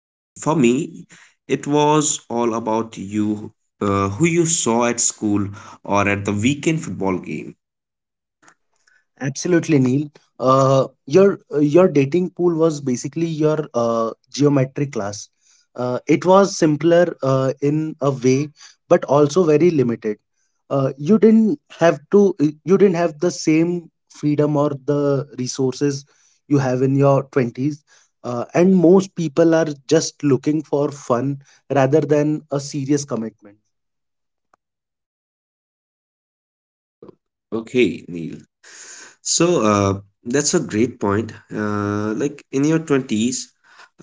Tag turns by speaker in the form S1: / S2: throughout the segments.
S1: Mm, for me, it was all about you, who you saw at school or at the weekend football game.
S2: Absolutely, Neil. Your dating pool was basically your geometry class. It was simpler in a way, but also very limited. You didn't have to. You didn't have the same freedom or the resources you have in your twenties. And most people are just looking for fun rather than a serious commitment.
S1: O- Okay, Neil. So that's a great point. Like in your 20s,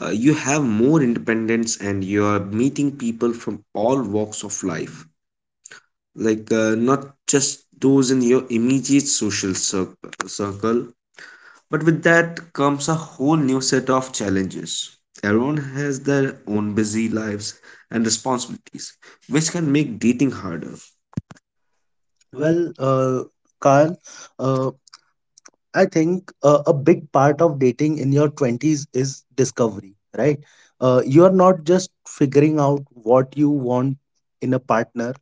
S1: you have more independence and you are meeting people from all walks of life. Not just those in your immediate circle, but with that comes a whole new set of challenges. Everyone has their own busy lives and responsibilities, which can make dating harder.
S2: Well, uh, Carl, uh, I think a big part of dating in your 20s is discovery, right? You are not just figuring out what you want in a partner,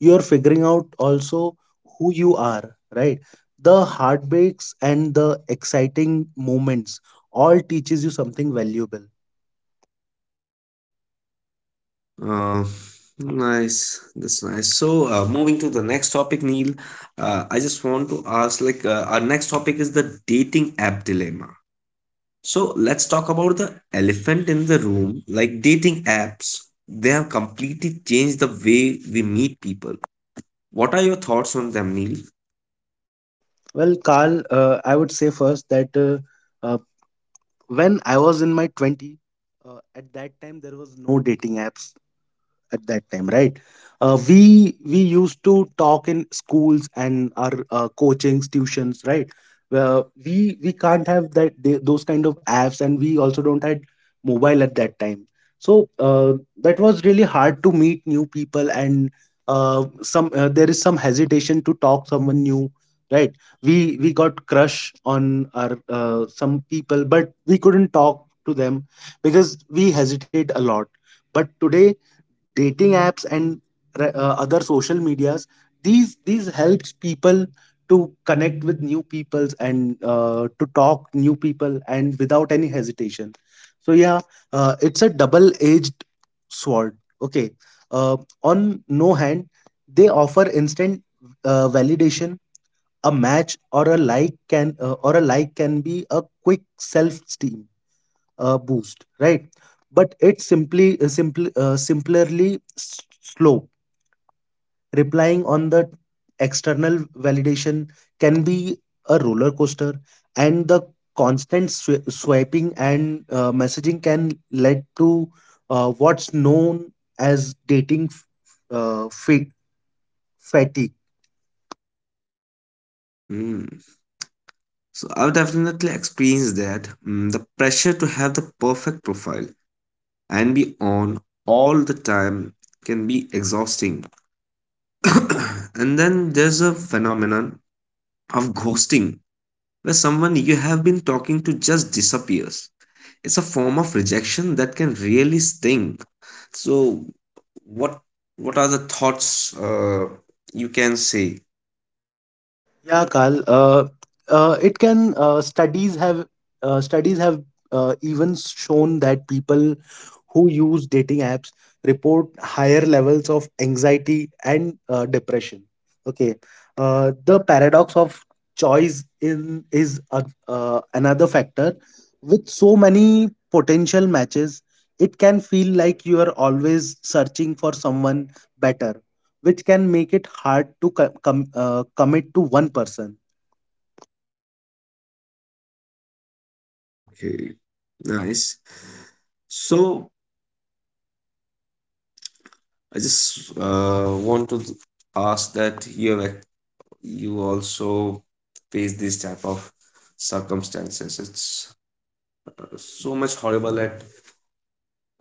S2: you are figuring out also who you are, right? The heartbreaks and the exciting moments all teaches you something valuable.
S1: Uh, nice, that's nice. So, moving to the next topic, Neil, I just want to ask like, our next topic is the dating app dilemma. So, let's talk about the elephant in the room, like dating apps. They have completely changed the way we meet people. What are your thoughts on them, Neil?
S2: Well, Carl, I would say first that uh, when I was in my 20s, at that time there was no dating apps at that time, right. We used to talk in schools and our coachings tuitions, right. We can't have that those kind of apps, and we also don't had mobile at that time. So that was really hard to meet new people, and some there is some hesitation to talk someone new, right. We got crush on our some people, but we couldn't talk to them because we hesitate a lot. But today, dating apps and other social medias, these helps people to connect with new peoples and to talk new people, and without any hesitation. So yeah, it's a double edged sword. Okay. uh, on no hand, they offer instant validation. A match or a like can or a like can be a quick self esteem boost, right? But it's simply simple simplerly slow. Replying on the external validation can be a roller coaster. And the constant swiping and messaging can lead to what's known as dating uh, fa- fatigue.
S1: Mm. So I've definitely experienced that, mm, the pressure to have the perfect profile and be on all the time can be exhausting. And then there's a phenomenon of ghosting where someone you have been talking to just disappears. It's a form of rejection that can really sting. So what what are the thoughts you can say?
S2: Yeah, Carl. It can studies have even shown that people who use dating apps report higher levels of anxiety and depression. Okay. The paradox of choice in is a, another factor. With so many potential matches, it can feel like you are always searching for someone better, which can make it hard to commit to one person.
S1: Okay, nice. So I just want to ask that you have, you also face this type of circumstances. It's so much horrible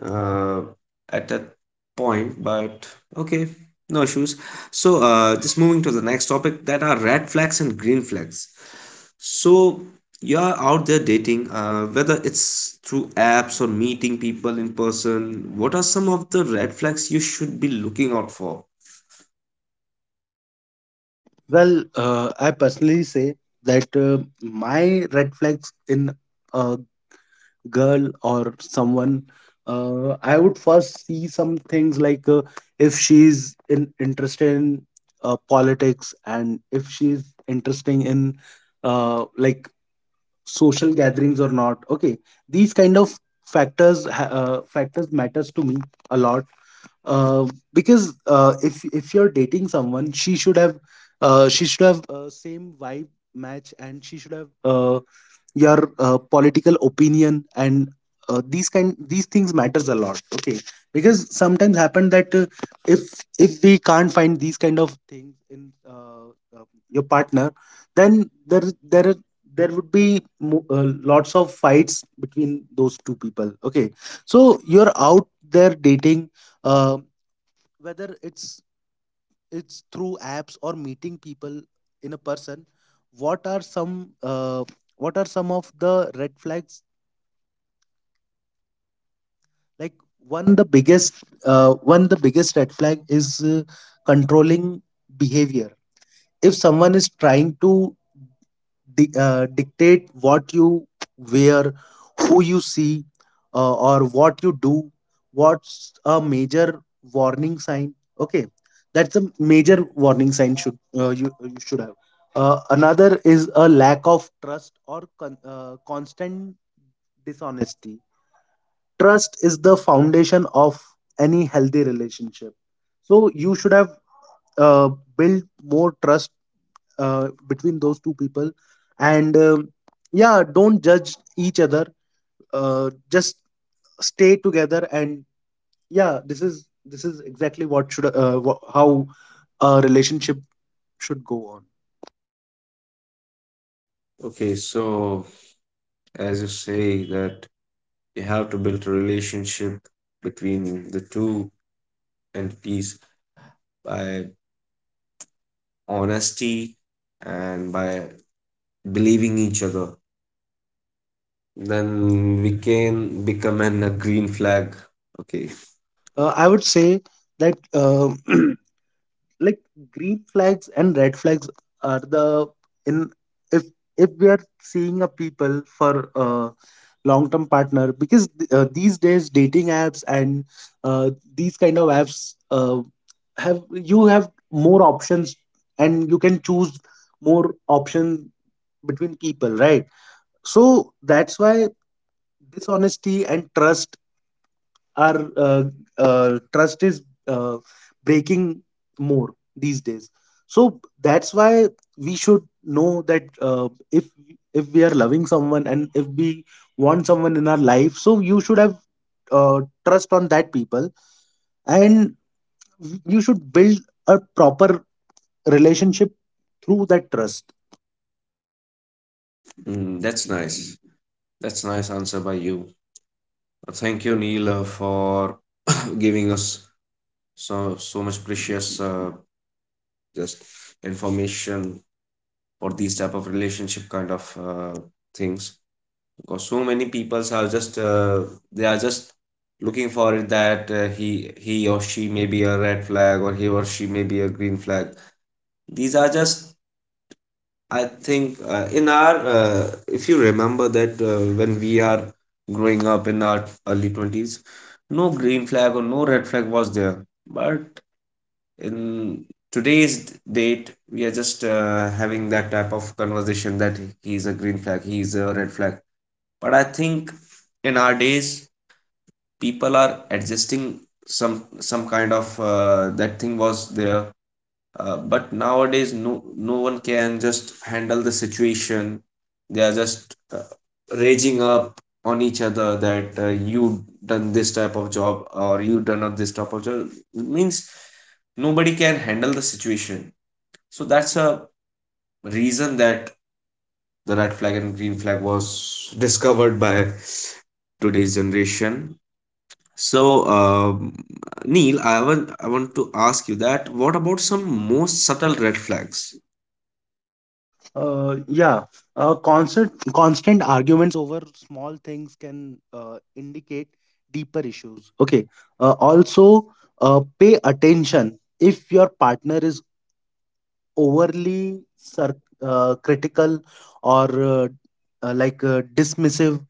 S1: uh, at that point, but okay, no issues. So just moving to the next topic, that are red flags and green flags. So you are out there dating, whether it's through apps or meeting people in person. What are some of the red flags you should be looking out for?
S2: I personally say that my red flags in a girl or someone, I would first see some things like if she's interested in politics, and if she's interesting in uh, like social gatherings or not. Okay. These kind of factors matters to me a lot. uh, because if you're dating someone, she should have same vibe match, and she should have your political opinion, and these things matters a lot. Okay. Because sometimes happen that if we can't find these kind of things in your partner, then there would be lots of fights between those two people. Okay. So you're out there dating, uh, whether it's through apps or meeting people in a person. What are some of the red flags? Like one the biggest one the biggest red flag is controlling behavior. If someone is trying to dictate what you wear, who you see, or what you do. What's a major warning sign? Okay, that's a major warning sign. Should you you should have. Another is a lack of trust or constant dishonesty. Trust is the foundation of any healthy relationship. So you should have uh, built more trust between those two people. And yeah, don't judge each other. Just stay together. And yeah, this is exactly how a relationship should go on.
S1: Okay, so as you say that you have to build a relationship between the two entities by honesty and by believing each other, then we can become an, a green flag. Okay.
S2: I would say that like green flags and red flags are the in if if we are seeing a people for a long term partner. Because these days dating apps and uh, these kind of apps have you have more options, and you can choose more option between people, right? So that's why dishonesty and trust our trust is uh, breaking more these days. So that's why we should know that if we are loving someone, and if we want someone in our life, so you should have trust on that people. And you should build a proper relationship through that trust.
S1: Mm, that's nice. That's nice answer by you. Thank you, Neil, for giving us so so much precious, just information for these type of relationship kind of things, because so many peoples are just they are just looking for it, that he or she may be a red flag or he or she may be a green flag. These are just, I think, in our, if you remember that, when we are growing up in our early 20s, no green flag or no red flag was there. But in today's date we are just having that type of conversation, that he is a green flag, he is a red flag. But I think in our days people are adjusting, some kind of that thing was there. Uh, but nowadays no one can just handle the situation. They are just raging up on each other, that you done this type of job or you done up this type of job. It means nobody can handle the situation. So that's a reason that the red flag and green flag was discovered by today's generation. So, Neil, I want to ask you, that what about some most subtle red flags?
S2: Yeah, constant arguments over small things can indicate deeper issues. Okay. Also, pay attention if your partner is overly critical or dismissive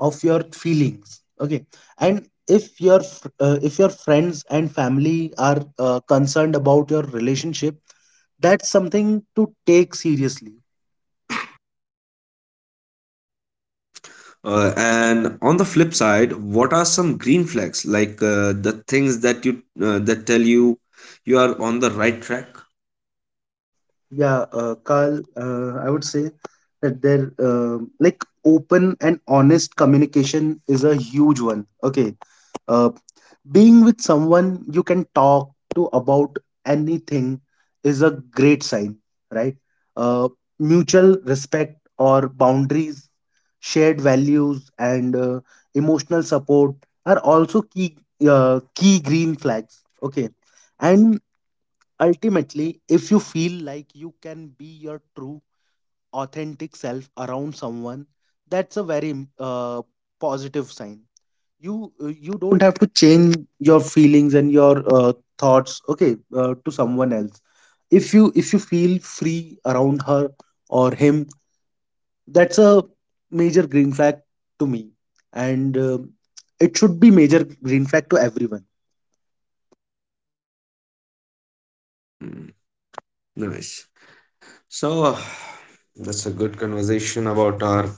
S2: of your feelings. Okay. And if your friends and family are concerned about your relationship, that's something to take seriously.
S1: And on the flip side, what are some green flags, the things that you that tell you you are on the right track?
S2: Yeah, Carl, I would say that open and honest communication is a huge one. Okay. Uh, Being with someone you can talk to about anything is a great sign, right? Uh, Mutual respect or boundaries, shared values, and emotional support are also key, green flags. Okay. And ultimately, if you feel like you can be your true, authentic self around someone, that's a very positive sign. You don't have to change your feelings and your thoughts, okay, to someone else. If you feel free around her or him, that's a major green flag to me. And it should be major green flag to everyone.
S1: Hmm, nice. So, that's a good conversation about our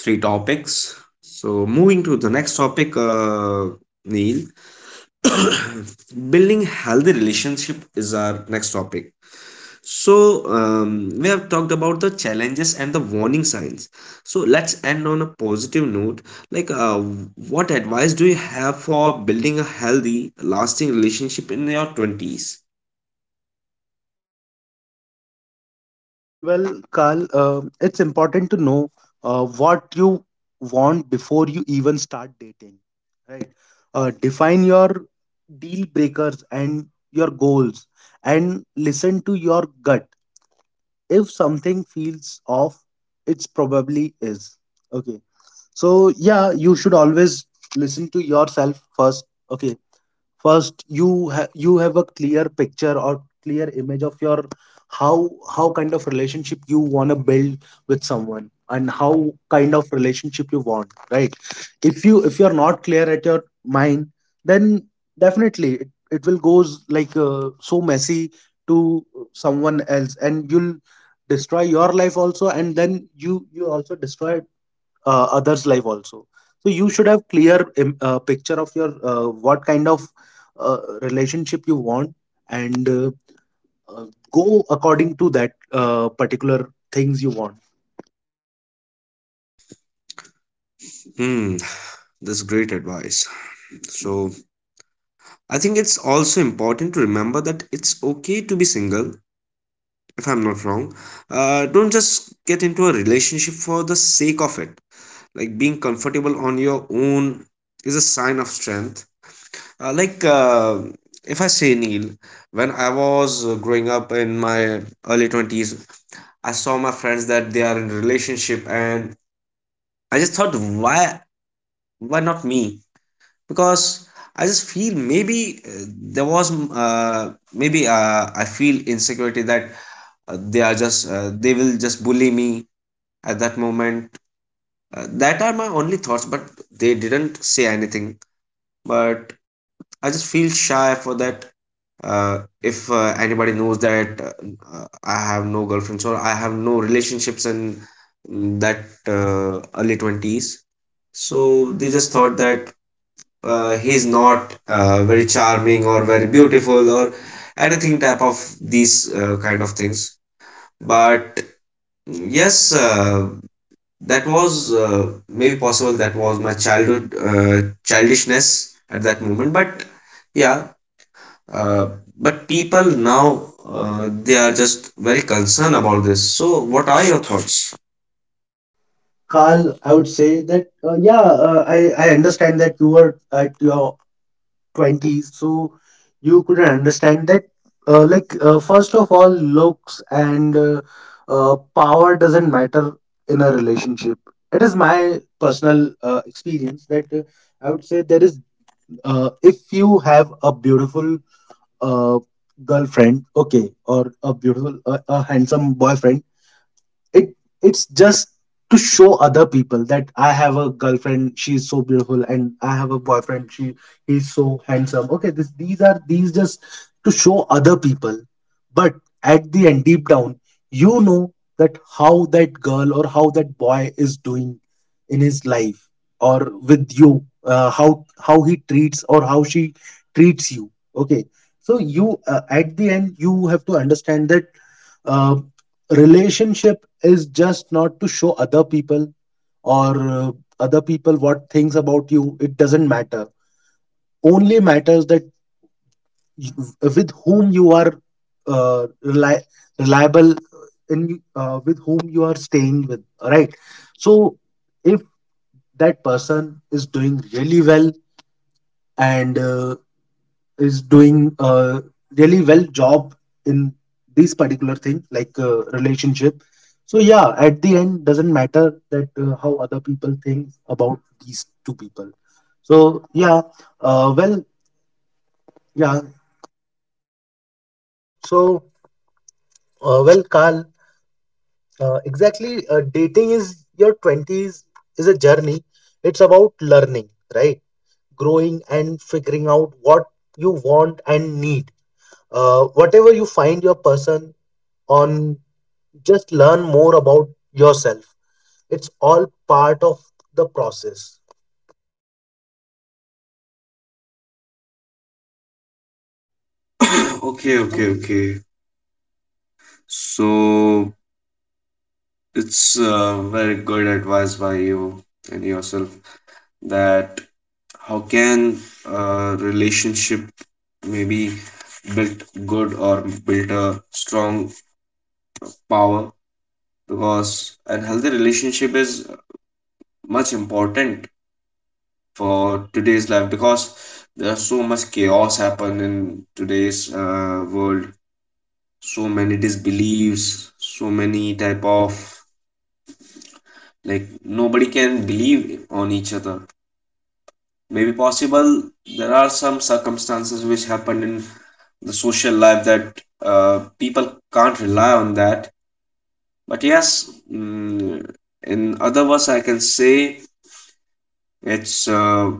S1: three topics. So, moving to the next topic, Neil, building healthy relationship is our next topic. So, we have talked about the challenges and the warning signs. So, let's end on a positive note. Like, uh, what advice do you have for building a healthy, lasting relationship in your 20s?
S2: Well, Carl, it's important to know what you want before you even start dating, right? Define your deal breakers and your goals, and listen to your gut. If something feels off, it's probably is. Okay. So yeah, you should always listen to yourself first. Okay, first you have a clear picture or clear image of your how how kind of relationship you want to build with someone, and how kind of relationship you want, right? If you're not clear at your mind, then definitely it will goes like so messy to someone else, and you'll destroy your life also. And then you also destroy others life also. So you should have clear picture of your what kind of relationship you want, and uh, go according to that particular things you want.
S1: Hmm, that's great advice. So, I think it's also important to remember that it's okay to be single, if I'm not wrong. Don't just get into a relationship for the sake of it. Like, being comfortable on your own is a sign of strength. Uh, like, uh, if I say, Neil, when I was growing up in my early 20s, I saw my friends that they are in relationship, and I just thought, why not me? Because I just feel, maybe there was, mm, maybe I feel insecurity that they will just bully me at that moment. That are my only thoughts, but they didn't say anything. But I just feel shy for that, uh, if anybody knows that I have no girlfriends or I have no relationships in, mm, that early 20s, so they just thought that he's not very charming or very beautiful or anything type of these kind of things. But yes, that was maybe possible. That was my childhood childishness at that moment. But yeah, uh, but people now they are just very concerned about this. So what are your thoughts?
S2: Carl, I would say that yeah, I understand that you were at your 20s, so you couldn't understand that. First of all, looks and power doesn't matter in a relationship. It is my personal experience that I would say there is if you have a beautiful uh, girlfriend, okay, or a beautiful a handsome boyfriend, it it's just to show other people that I have a girlfriend, she's so beautiful, and I have a boyfriend, she he's so handsome. Okay, this, these are these just to show other people. But at the end, deep down, you know that how that girl or how that boy is doing in his life, or with you, how he treats, or how she treats you. Okay. So you at the end, you have to understand that uh, relationship is just not to show other people, or other people what things about you. It doesn't matter. Only matters that you, with whom you are uh, reli- reliable, in with whom you are staying with, right? So if that person is doing really well, and is doing a really well job in this particular thing, like relationship. So yeah, at the end, doesn't matter that how other people think about these two people. So yeah, uh, well yeah so Carl, exactly dating is your 20s is a journey. It's about learning, right? Growing and figuring out what you want and need. Whatever you find your person on, just learn more about yourself. It's all part of the process.
S1: Okay, okay, okay. So it's very good advice by you and yourself, that how can a relationship maybe build good or build a strong power, because a healthy relationship is much important for today's life, because there's so much chaos happen in today's world. So many disbeliefs, so many type of, like, nobody can believe on each other. Maybe possible there are some circumstances which happened in the social life, that people can't rely on that. But yes, mm, in other words I can say it's uh,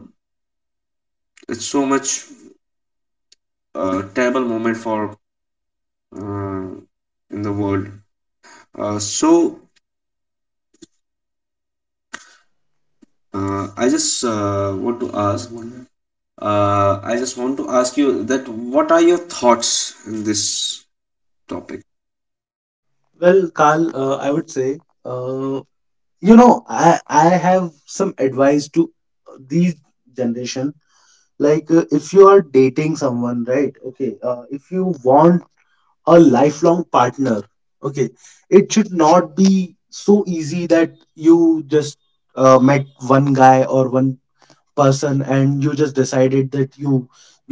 S1: it's so much terrible moment for uh, in the world. So I just want to ask. I just want to ask you, that what are your thoughts in this topic?
S2: Well, Carl, I would say uh, you know, I have some advice to these generation. Like if you are dating someone, right, okay, if you want a lifelong partner, okay, it should not be so easy that you just met one guy or one person, and you just decided that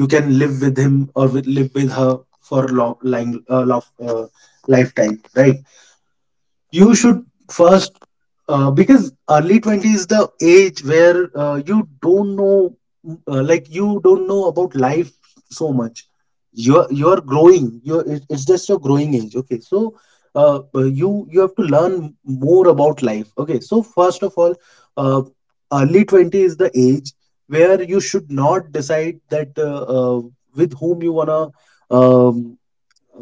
S2: you can live with him, or live with her for lifetime, right? You should first, because early 20s is the age where you don't know you don't know about life. So much. You are growing. You It's just your growing age, okay. So you have to learn more about life, okay. So first of all, uh, early 20 is the age where you should not decide that with whom you want to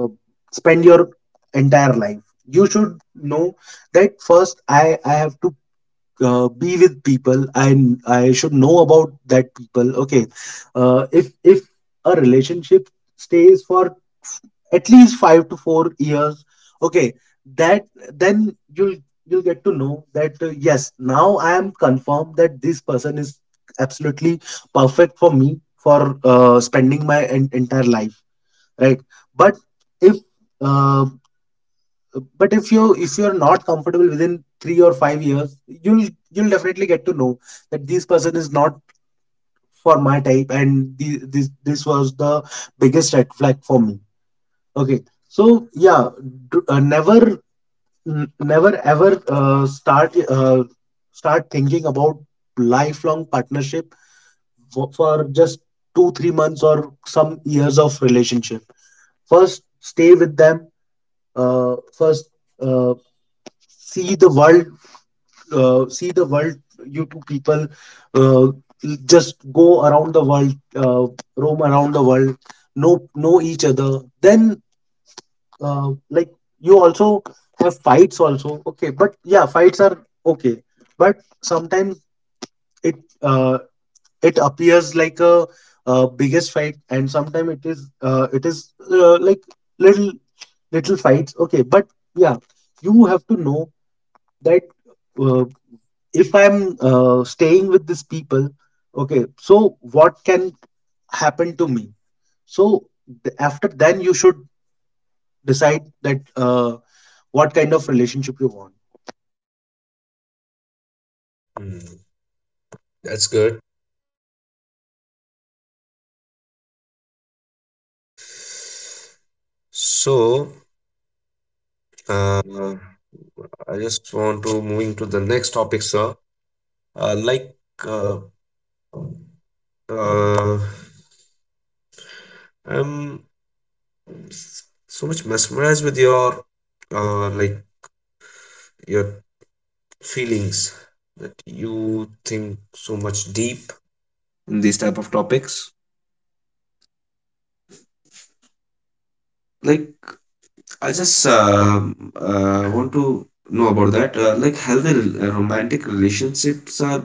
S2: uh, spend your entire life. You should know that first I have to be with people. I I should know about that people, okay. If a relationship stays for f- at least 5 to 4 years, okay, that then you'll get to know that yes, now I am confirmed that this person is absolutely perfect for me for spending my entire life, right? But if uh, but if you, if you're not comfortable within 3 or 5 years, you'll you'll definitely get to know that this person is not for my type. This was the biggest red flag for me, okay. So yeah, never, never ever start start thinking about lifelong partnership for just 2 3 months or some years of relationship. First, stay with them. First, uh, see the world. See the world. You two people, just go around the world. Roam around the world. Know each other, then uh, like you also have fights also, okay. But yeah, fights are okay. But sometimes it uh, it appears like a biggest fight, and sometimes it is like little little fights, okay. But yeah, you have to know that uh, if I'm staying with these people, okay. So what can happen to me? So after then you should decide that what kind of relationship you want.
S1: Hmm, that's good. So, uh, I just want to moving to the next topic, sir. Uh, like, uh, uh, I'm so much mesmerized with your, like your feelings, that you think so much deep in these type of topics. Like, I just, um, want to know about that, like, healthy romantic relationships are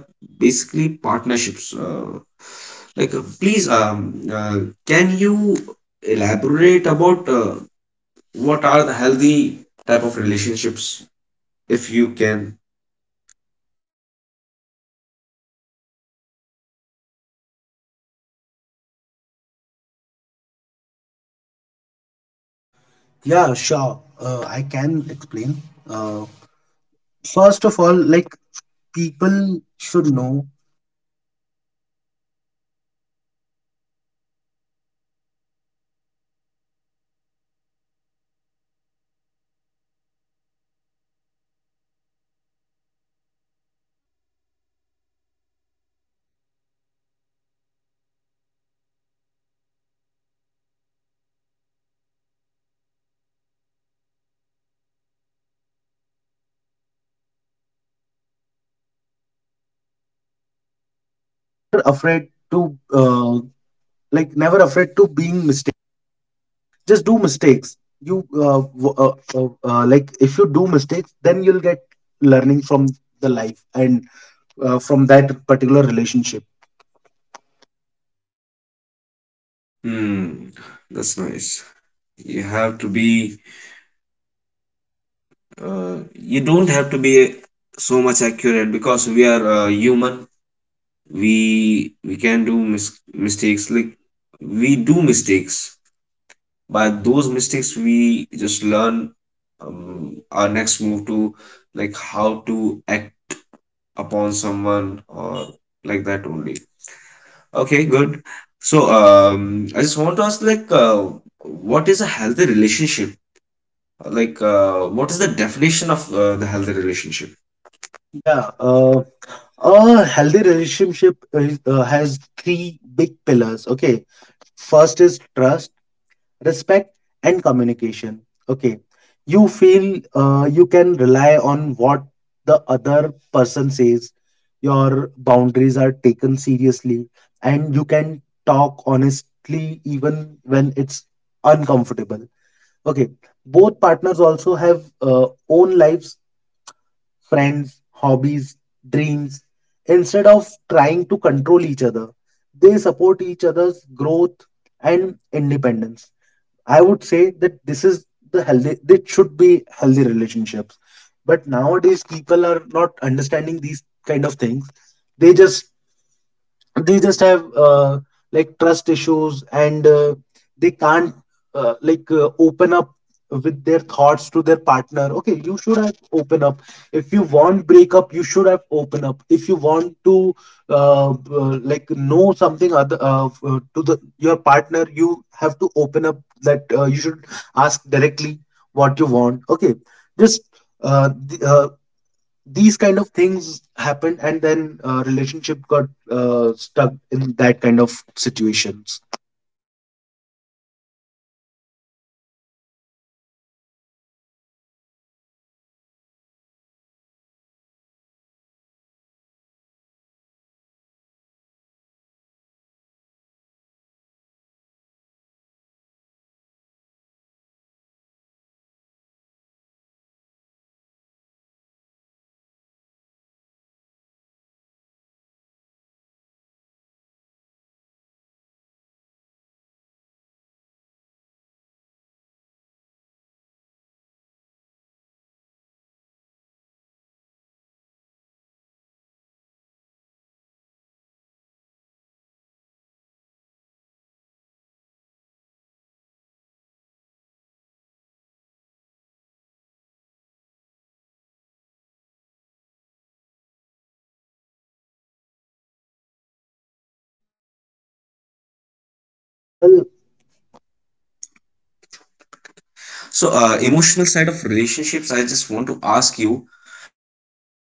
S1: basically partnerships. Please, can you elaborate about what are the healthy type of relationships, if you can.
S2: Yeah, sure, I can explain. uh, First of all, like, people should know, never afraid to like never afraid to being mistake. Just do mistakes. Like if you do mistakes, then you'll get learning from the life, and from that particular relationship.
S1: Hmm, that's nice. You have to be, uh, you don't have to be so much accurate, because we are, human, we can do mistakes. Like, we do mistakes. By those mistakes we just learn, our next move to like how to act upon someone or like that only. Okay, good. So, um, I just want to ask, what is a healthy relationship, what is the definition of the healthy relationship?
S2: Yeah, a healthy relationship is, has three big pillars. Okay. First is trust, respect, and communication. Okay. You feel you can rely on what the other person says. Your boundaries are taken seriously, and you can talk honestly even when it's uncomfortable. Okay. Both partners also have own lives, friends, hobbies, dreams. Instead of trying to control each other, they support each other's growth and independence. I would say that this is the healthy, it should be healthy relationships. But nowadays, people are not understanding these kind of things. They just they just have like trust issues, and they can't open up with their thoughts to their partner. Okay, you should have open up. If you want breakup, you should have open up. If you want to like know something other to the your partner, you have to open up. That You should ask directly what you want, okay. Just uh, th- uh, these kind of things happened, and then relationship got stuck in that kind of situations. well
S1: So, emotional side of relationships, I just want to ask you that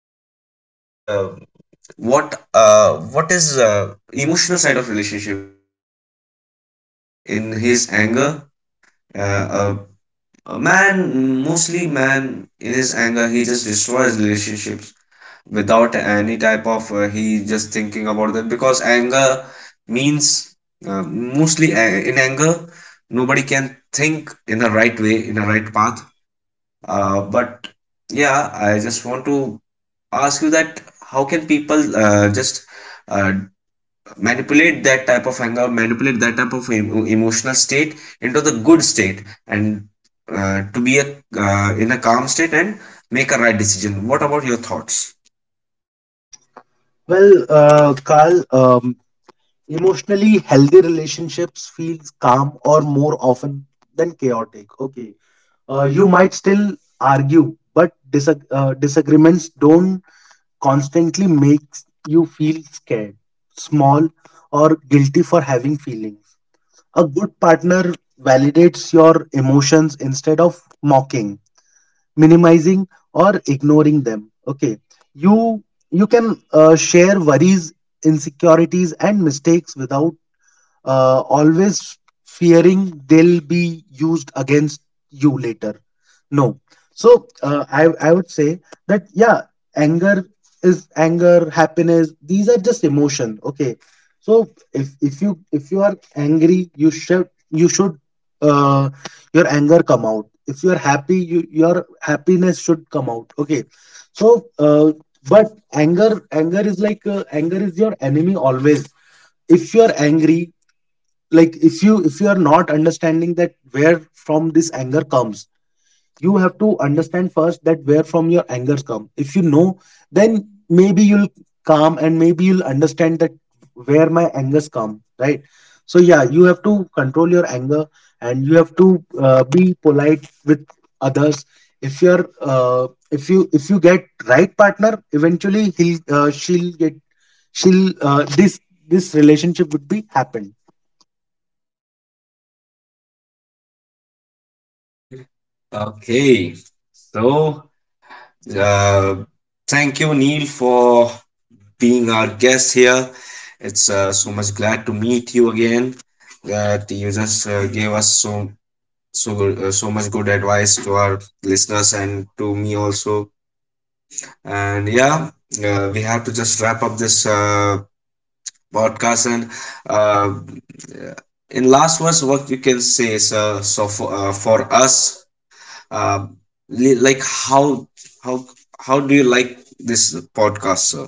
S1: what what is emotional side of relationship? Because so many people just in his anger, uh, a, a man, mostly man, in his anger, he just destroys relationships without any type of he just thinking about that, because anger means, mostly, in anger nobody can think in a right way, in a right path. Uh, but yeah, I just want to ask you, that how can people just uh, manipulate that type of anger, manipulate that type of emotional state into the good state, and to be a, in a calm state, and make a right decision. What about your thoughts?
S2: well Carl, emotionally healthy relationships feels calm or more often than chaotic, okay. You might still argue, but disagreements don't constantly makes you feel scared, small, or guilty for having feelings. A good partner validates your emotions instead of mocking, minimizing, or ignoring them. Okay, you you can share worries, insecurities, and mistakes without always fearing they'll be used against you later, no. So I would say that, yeah, anger anger, happiness, these are just emotion, okay. So if you, if you are angry, you should, uh, your anger come out. If you are happy, your happiness should come out, okay. So but anger is like, anger is your enemy always. If you are angry, like if you are not understanding that where from this anger comes, you have to understand first that where from your angers come. If you know, then maybe you'll calm, and maybe you'll understand that where my angers come, right? So yeah, you have to control your anger, and you have to be polite with others. If you get right partner, eventually he'll she'll get, she'll this this relationship would be happen.
S1: Okay, so uh, thank you, Neil, for being our guest here. It's so much glad to meet you again, that you just gave us so so good, so much good advice to our listeners and to me also. And yeah, we have to just wrap up this podcast. And uh, in last words what you can say is, for us, uh, how how how do you like this podcast, sir?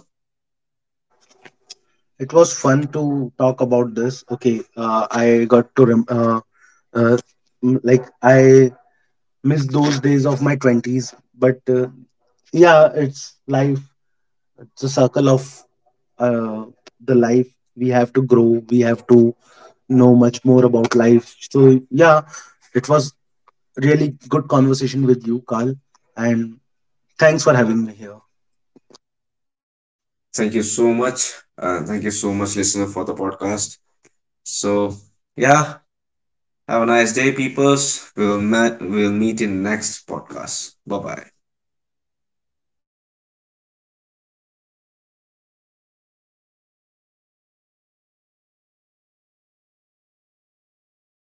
S2: It was fun to talk about this. Okay, I got to uh, like I miss those days of my twenties, but yeah, it's life. It's a circle of uh, the life. We have to grow. We have to know much more about life. So yeah, it was really good conversation with you, Carl, and thanks for having me here.
S1: Thank you so much. Uh, thank you so much, listener, for the podcast. So, yeah. Have a nice day, peoples. We'll meet in next podcast. Bye bye.